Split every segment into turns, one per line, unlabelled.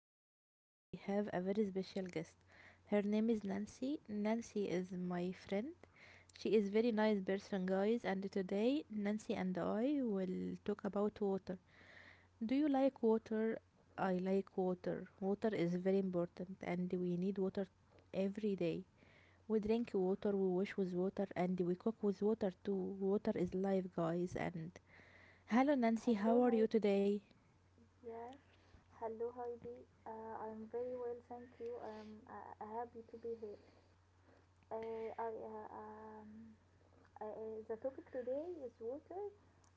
and today we have a very special guest. Her name is Nancy. Nancy is my friend. She is very nice person, guys, and today Nancy and I will talk about water. Do you like water? I like water. Water is very important, and we need water every day. We drink water, we wash with water, and we cook with water too. Water is life, guys. And hello, Nancy, how
Hello,
are
hi.
you today?
Yes. Hello, Heidi. I'm very well, thank you. I'm happy to be here. Uh, I, uh, um, the topic today is water.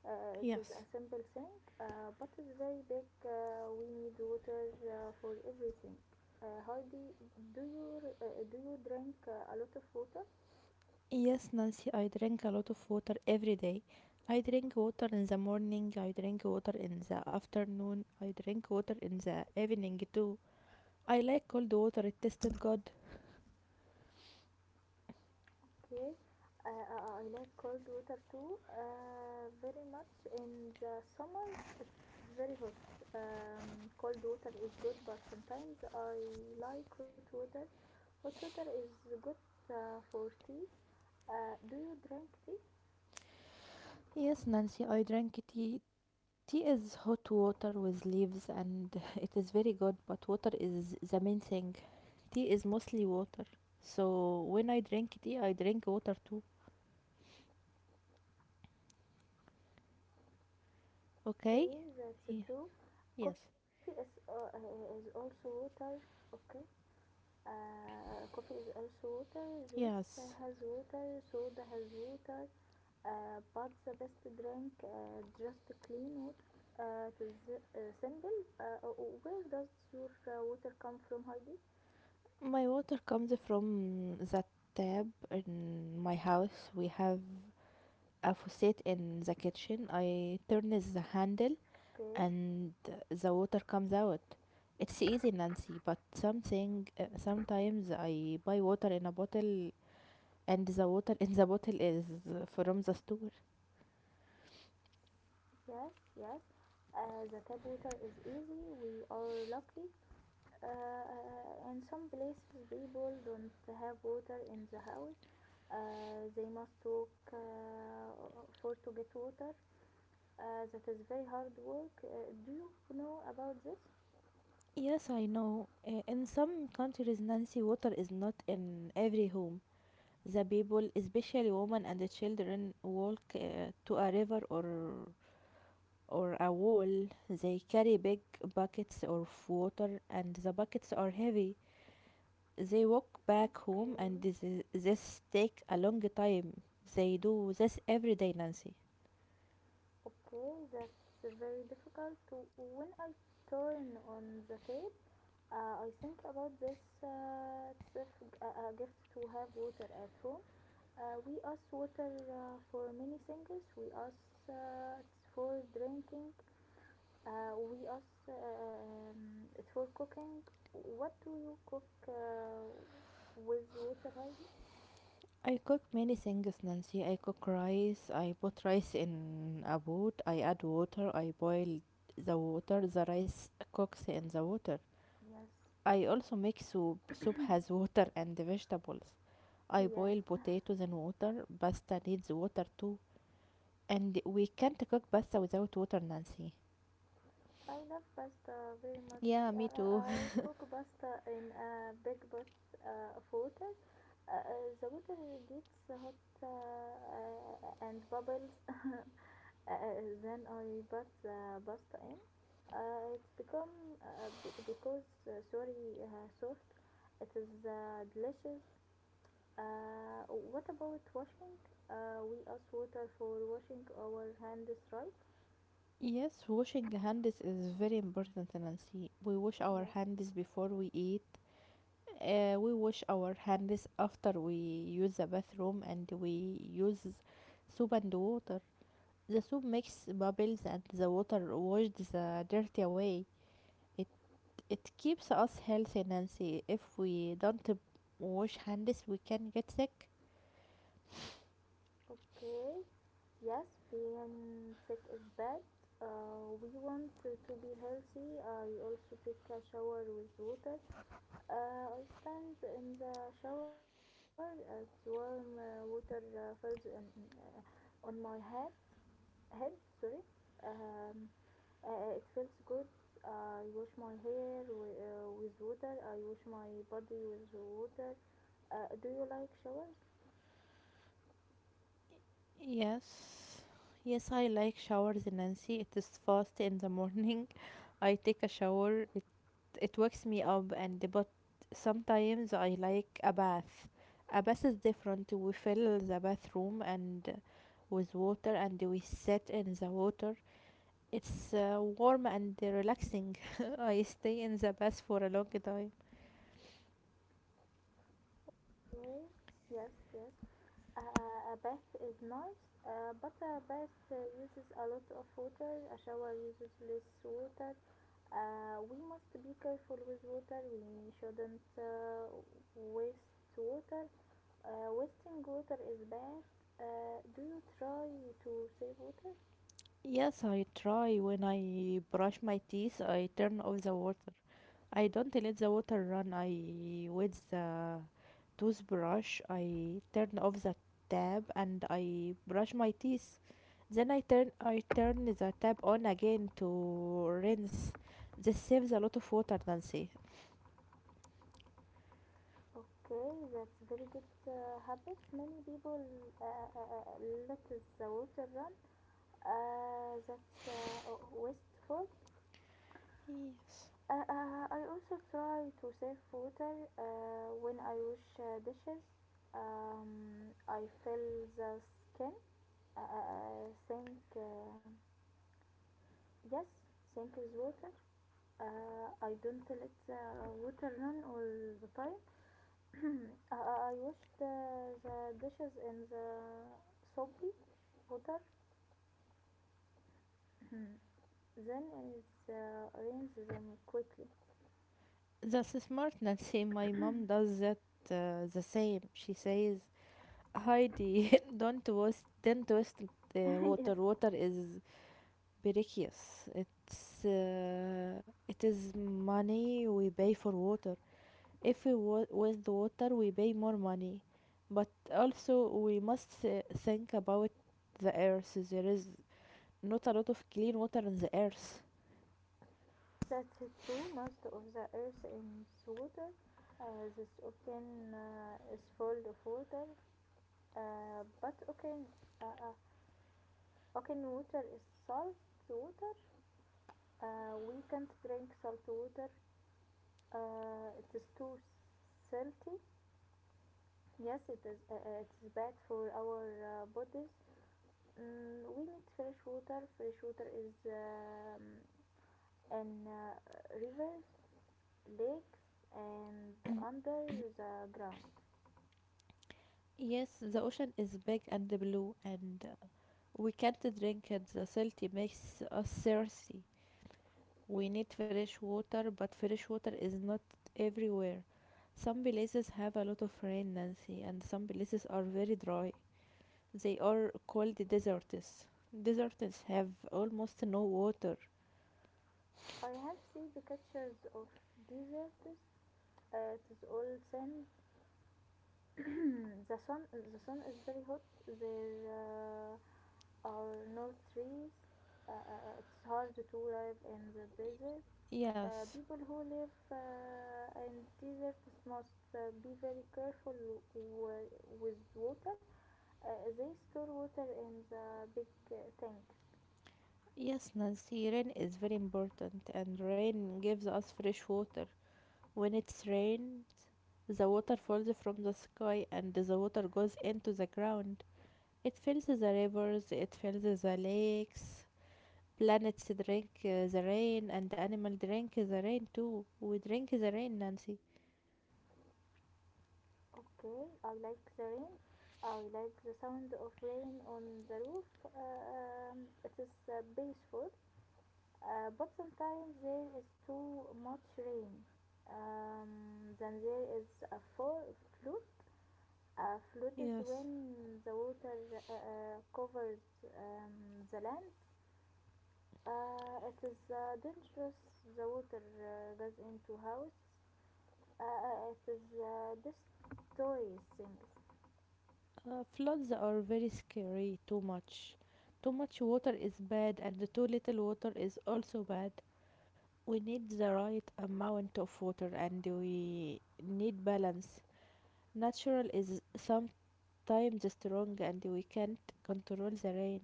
It is
Yes.
a simple thing, but it's very big. We need water for everything. Heidi, do you uh, do you drink a lot of water?
Yes, Nancy, I drink a lot of water every day. I drink water in the morning, I drink water in the afternoon, I drink water in the evening too. I like cold water, it tasted good.
Okay, I like cold water too, very much. In the summer, it's very hot. Cold water is good, but sometimes I like hot water. Hot water is good for tea. Do you drink tea?
Yes, Nancy, I drank tea. Tea is hot water with leaves and it is very good, but water is the main thing. Tea is mostly water. So when I drink tea, I drink water too. Okay?
Okay,
Yeah.
that's true.
Yes.
Coffee is also water. Okay. Coffee is also water, juice
Yes.
has water, soda has water, but the best drink just clean water. It is simple. Uh, uh, where does your water come from, Heidi?
My water comes from the tap in my house. We have a faucet in the kitchen. I turn the handle
Okay,
and the water comes out. It's easy, Nancy, but something sometimes I buy water in a bottle and the water in the bottle is from the store.
yes, yes. The tap water is easy. We are lucky. In some places people don't have water in the house, they must walk for to get water, that is very hard work. Do you know about this?
Yes, I know. In some countries, Nancy, water is not in every home. The people, especially women and the children, walk to a river or a wall. They carry big buckets of water, and the buckets are heavy. They walk back home, and
Okay.
this take a long time. They do this every day, Nancy.
Okay, that's very difficult. When I turn on the tape, I think about this. It's a gift to have water at home. We ask water for many things. We ask it's for drinking. We ask it for cooking. What do you cook with water, Heidi?
I cook many things, Nancy. I cook rice. I put rice in a pot. I add water. I boil the water. The rice cooks in the water.
Yes.
I also make soup. Soup has water and vegetables. I boil
Yes.
potatoes and water. Pasta needs water too. And we can't cook pasta without water, Nancy.
I love pasta very much.
Yeah,
Uh,
me
I
too.
I cook pasta in a big pot of water. Uh, uh, the water gets hot and bubbles. Uh, then I put the pasta in. It's become be- because sorry soft. It is delicious. What about washing? We use water for washing our hands, right?
Yes, washing hands is very important, Nancy. We wash our
Yes.
hands before we eat. We wash our hands after we use the bathroom and we use soup and water. The soup makes bubbles and the water washes the dirt away. It It keeps us healthy, Nancy. If we don't b- wash hands, we can get sick.
Okay. Yes, being sick is bad. We want to be healthy. I also take a shower with water. I stand in the shower as warm water falls on my head. Head, sorry. Um, it feels good. I wash my hair with water. I wash my body with water. Do you like showers?
Yes. Yes, I like showers, Nancy. It is fast in the morning. I take a shower. It wakes me up and but sometimes I like a bath. A bath is different. We fill the bathroom and with water and we sit in the water. It's warm and relaxing. I stay in the bath for a long time.
Well, yes, yes. A, a bath is nice, but a bath uses a lot of water. A shower uses less water. We must be careful with water. We shouldn't waste water. Wasting water is bad. Do you try to save water?
Yes, I try. When I brush my teeth, I turn off the water. I don't let the water run. I with the toothbrush, I turn off the tap and I brush my teeth. Then I turn the tap on again to rinse. This saves a lot of water, Nancy.
Okay, that's very good habit. Many people let the water run. That's wasteful.
Yes.
I also try to save water when I wash dishes. I fill the skin sink. Yes, sink with water. I don't let the water run all the time. I wash the dishes in the soapy water. Then is rinse them quickly.
That's smart, Nancy. My mom does that the same. She says, "Heidi, don't waste the
Yes.
water. Water is Birikios. It is money we pay for water. If we waste the water, we pay more money. But also we must think about the earth. There is not a lot of clean water on the earth.
That's true. Most of the earth is water. This ocean is full of water. But uh, uh, ocean water is salt water. We can't drink salt water. It is too salty. Yes, it is. It is bad for our bodies. We need fresh water. Fresh water is in rivers, lakes, and under the ground.
Yes, the ocean is big and blue, and we can't drink it. The salty makes us thirsty. We need fresh water, but fresh water is not everywhere. Some places have a lot of rain, Nancy, and some places are very dry. They are called deserts. Deserts have almost no water.
I have seen pictures of deserts. It is all sand. The sun is very hot there, are no trees, it's hard to live in the desert.
Yes,
People who live in deserts must be very careful w- with water, they store water in the big tanks.
yes, Nancy, rain is very important, and rain gives us fresh water. When it rains, the water falls from the sky and the water goes into the ground. It fills the rivers, it fills the lakes, planets drink the rain and the animal drink the rain too, we drink the rain, Nancy.
Okay, I like the rain. I like the sound of rain on the roof. It is peaceful. But sometimes there is too much rain. Then there is a flood. A flood is
Yes.
when the water covers the land. It is dangerous. The water goes into house. It is destroys things.
Floods are very scary. Too much water is bad and too little water is also bad. We need the right amount of water and we need balance. Natural is sometimes strong and we can't control the rain,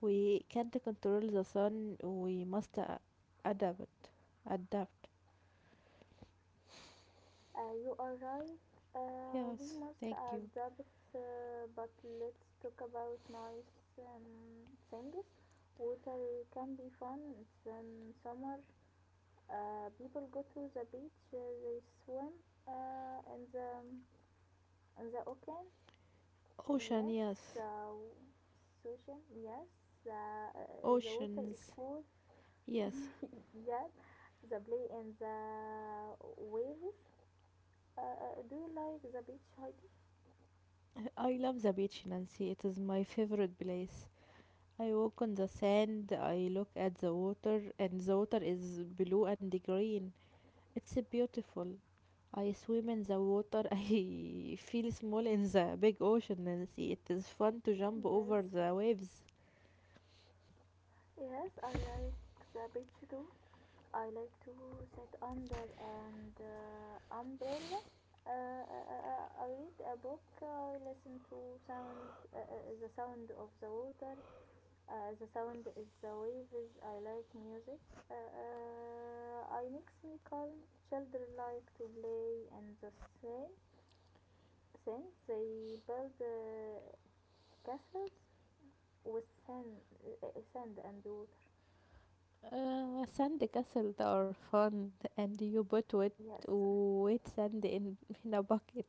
we can't control the sun. We must adapt adapt.
You are right. We
Yes,
must
thank you.
adapt, but let's talk about nice things. Water can be fun. It's in summer. People go to the beach. They swim uh, in the in the ocean.
Ocean,
Yes,
yes.
uh, ocean. Yes, uh, uh, the water is
Oceans,
cool.
yes.
Yes, the play in the waves. Do you like the beach, Heidi?
I love the beach in Nancy. It is my favorite place. I walk on the sand, I look at the water, and the water is blue and green. It's beautiful. I swim in the water. I feel small in the big ocean, Nancy. It is fun to jump
Yes,
over the waves.
yes, I like the beach too. I like to sit under an umbrella. I read a book. I listen to sound, the sound of the water. The sound is the waves. I like music. I makes me calm. Children like to play in the sand. sand. They build castles with sand, sand and wood.
Sand castles are fun, and you put
Yes,
wet sand in a bucket.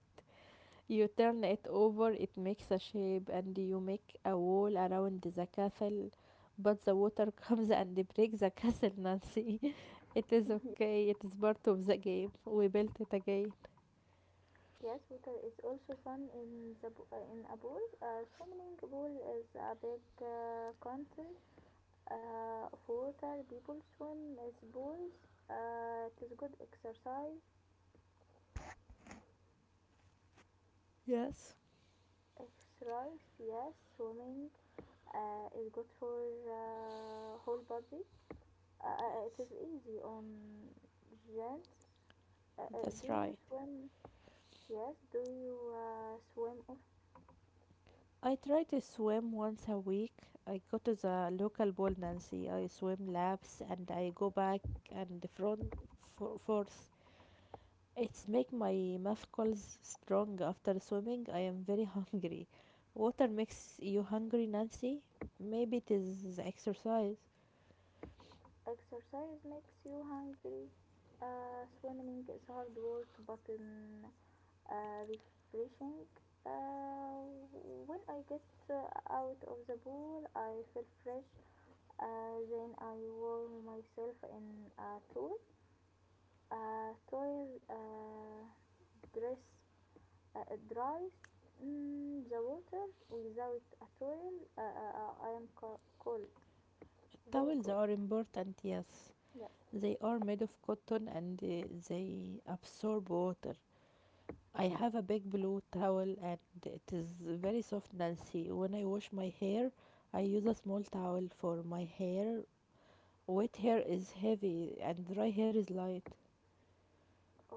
You turn it over, it makes a shape, and you make a wall around the castle. But the water comes and breaks the castle, Nancy. It is okay, it is part of the game. We built it again.
yes, water is also fun in the in a pool. A swimming pool is a big counter of water. People swim as pools. It is good exercise.
Yes,
Exercise, yes, swimming is good for whole body. It
yes,
is easy on gents. Do
that's
you
right.
swim? Yes. Do you swim.
I try to swim once a week. I go to the local pool, Nancy. I swim laps and I go back and front for forth. It's make my muscles strong. After swimming I am very hungry. Water makes you hungry, Nancy? Maybe it is the exercise.
Exercise makes you hungry. Swimming is hard work but refreshing. Uh, when I get out of the pool, I feel fresh. Then I warm myself in a towel. A towel dress uh, dries the water. Without a towel, I am cold, very
Towels
cold.
are important, yes.
Yes.
They are made of cotton and they absorb water. I have a big blue towel and it is very soft, Nancy. When I wash my hair, I use a small towel for my hair. Wet hair is heavy and dry hair is light.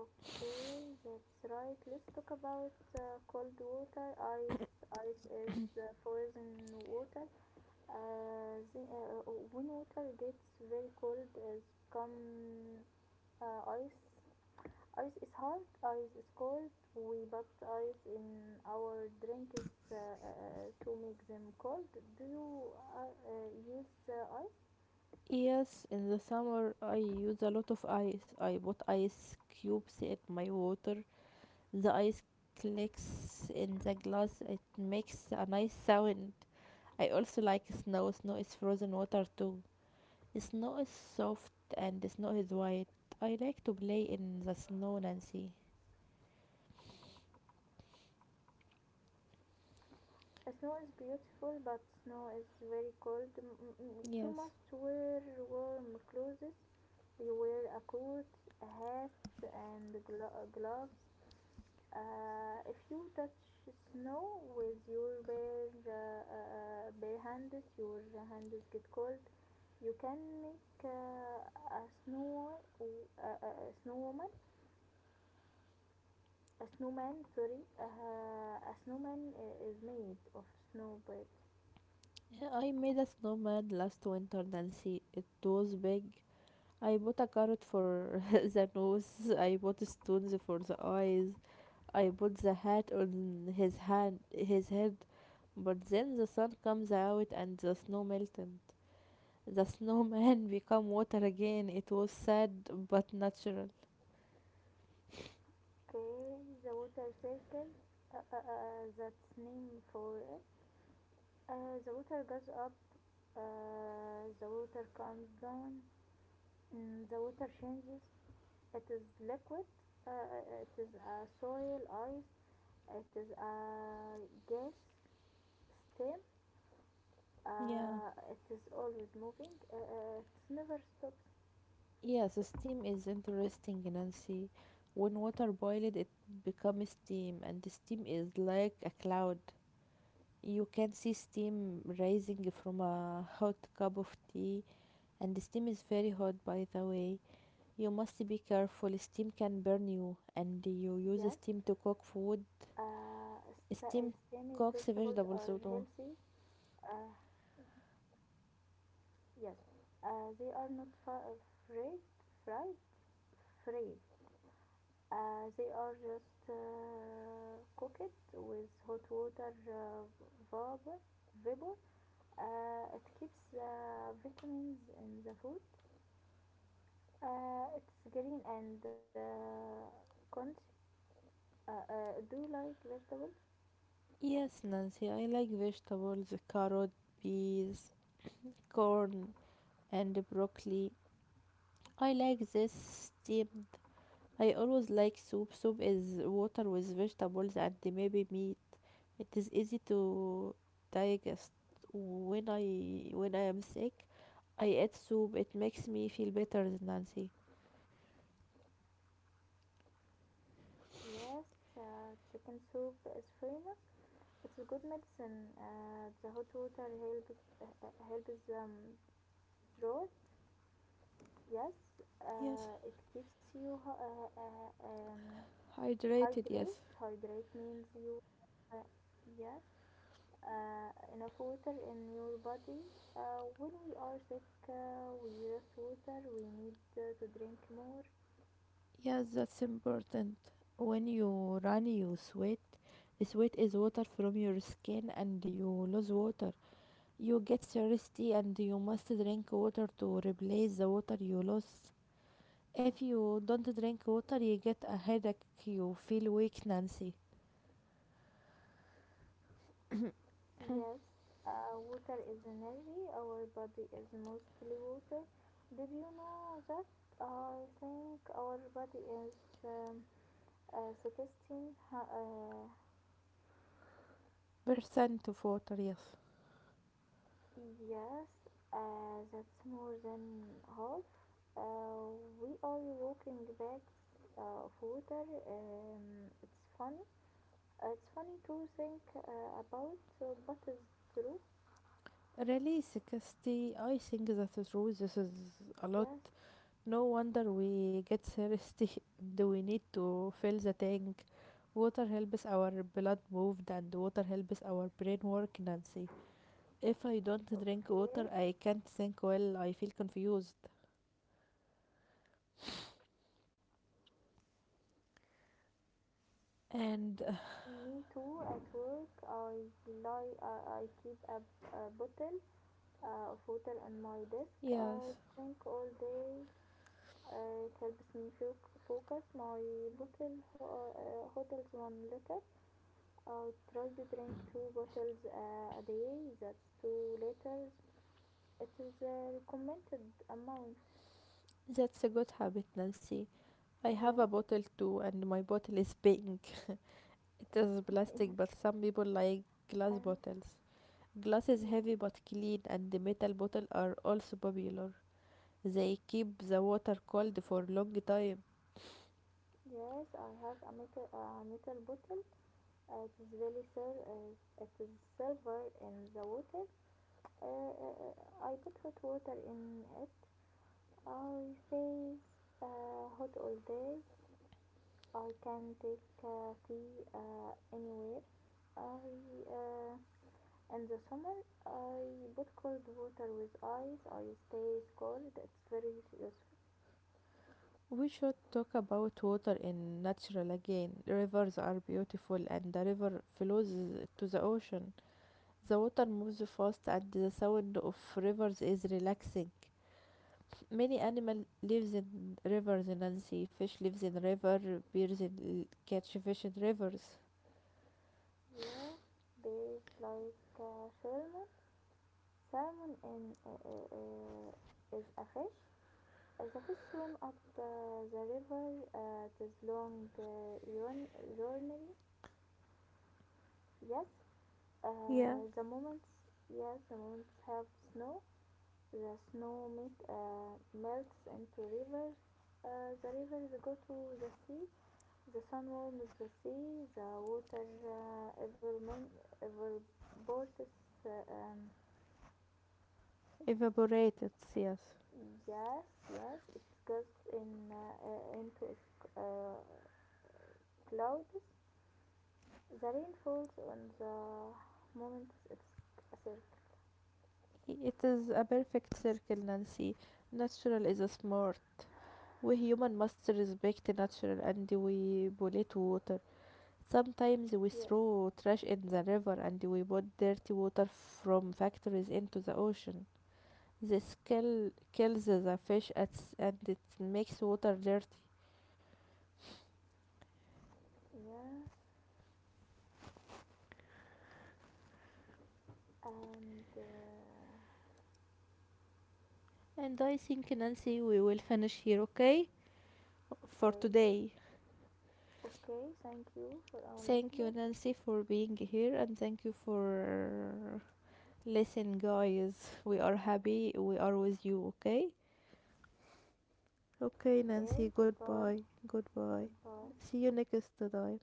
Okay, that's right. Let's talk about cold water. Ice is frozen water. When water gets very cold, it become ice. Ice is hard. Ice is cold. We put ice in our drinks to make them cold. Do you use ice?
Yes, in the summer I use a lot of ice. I put ice cubes in my water. The ice clicks in the glass. It makes a nice sound. I also like snow. Snow is frozen water too. Snow is soft and snow is white. I like to play in the snow, Nancy.
Snow is beautiful, but snow is very cold. You
Yes.
must wear warm clothes. You wear a coat, a hat, and gloves. If you touch snow with your bare hands, your hands get cold. You can make a snowman. Sorry, a snowman is made of snow birds.
Yeah, I made a snowman last winter, Nancy. It was big. I bought a carrot for the nose. I bought stones for the eyes. I put the hat on his head, but then the sun comes out and the snow melted. The snowman become water again. It was sad but natural.
Okay, the water circle. That's name for it. The water goes up. The water comes down. The water changes. It is liquid. It is a soil, ice. It is a gas, steam.
Yeah.
It is always moving. It never stops.
Yeah, so steam is interesting, Nancy. When water boiled it becomes steam and the steam is like a cloud. You can see steam rising from a hot cup of tea, and the steam is very hot by the way. You must be careful, steam can burn you, and
Yes.
you use steam to cook food.
Uh, Steamed
Steam
vegetables
cooks
are
vegetables so
healthy.
too.
Uh, Yes, they are not fried, fried, fried. They are just cooked with hot water vapor. vapor. It keeps the vitamins in the food. It's green and crunchy. Do you like vegetables?
Yes, Nancy, I like vegetables, carrot, peas, corn, and broccoli. I like this steamed. I always like soup. Soup is water with vegetables and maybe meat. It is easy to digest. When I am sick, I eat soup. It makes me feel better, Nancy.
Yes, chicken soup is famous. It's a good medicine. The hot water helps helps throat. Yes,
Yes.
it keeps you uh, uh, um,
Hydrated,
hydrate.
yes.
Hydrate means you uh, yes enough water in your body. When we are sick, we lose water. We need to drink more.
Yes, that's important. When you run, you sweat. Sweat is water from your skin, and you lose water. You get thirsty, and you must drink water to replace the water you lost. If you don't drink water, you get a headache. You feel weak, Nancy.
Yes, water is energy. Our body is mostly water. Did you know that? I think our body is um, 16.
Percent of water, yes.
Yes, that's more than half. Uh, we are walking bags of water. It's funny. It's funny to think about, but it's true.
Really, 60. I think that's true. This is a lot.
Yes,
No wonder we get thirsty and we need to fill the tank. Water helps our blood move and water helps our brain work, Nancy. If I don't drink water,
okay.
I can't think well, I feel confused. And
Me too. At work, I keep a bottle of water on my desk.
Yes,
I drink all day. It helps me focus. My bottle hotels 1 liter. I try to drink two bottles a day. That's 2 liters. It is a recommended amount.
that's a good habit, Nancy. I have
Yes.
a bottle too, and my bottle is pink. It is plastic,
Yes.
but some people like glass
And
bottles. Glass is heavy but clean, and the metal bottle are also popular. They keep the water cold for a long time.
yes, I have a metal bottle. It is really sir. It is silver in the water. Uh, uh, uh, I put hot water in it. I say hot all day. I can take tea anywhere. I uh, in the summer I put cold water with ice. I stays cold. It's very useful.
We should talk about water in natural again. Rivers are beautiful and the river flows to the ocean. The water moves fast and the sound of rivers is relaxing. Many animal lives in rivers, Nancy. Fish lives in river, bears in, catch fish in rivers.
Yes, days like Sherman. Salmon in, is a fish. The fish swim up the river this long journey. Yes,
Yeah,
the moments. Yes, the moments have snow. The snow melts into rivers. The rivers go to the sea. The sun warms the sea. The water ever evaporates. Uh, um,
evaporated, yes.
Yes, yes, it goes in into clouds. The rain falls on the moment it's a circle.
It is a perfect circle, Nancy. Natural is smart. We human must respect natural and we pollute water. Sometimes we
Yes,
throw trash in the river and we put dirty water from factories into the ocean. Kills the fish and it makes water dirty.
yes, and
And I think, Nancy, we will finish here, okay? For
okay,
today.
okay. Thank you for our
Thank you,
listener.
Nancy, for being here, and thank you for listen, guys. We are happy we are with you. Okay, okay, Nancy,
Okay, goodbye,
goodbye. Goodbye,
goodbye.
see you next time.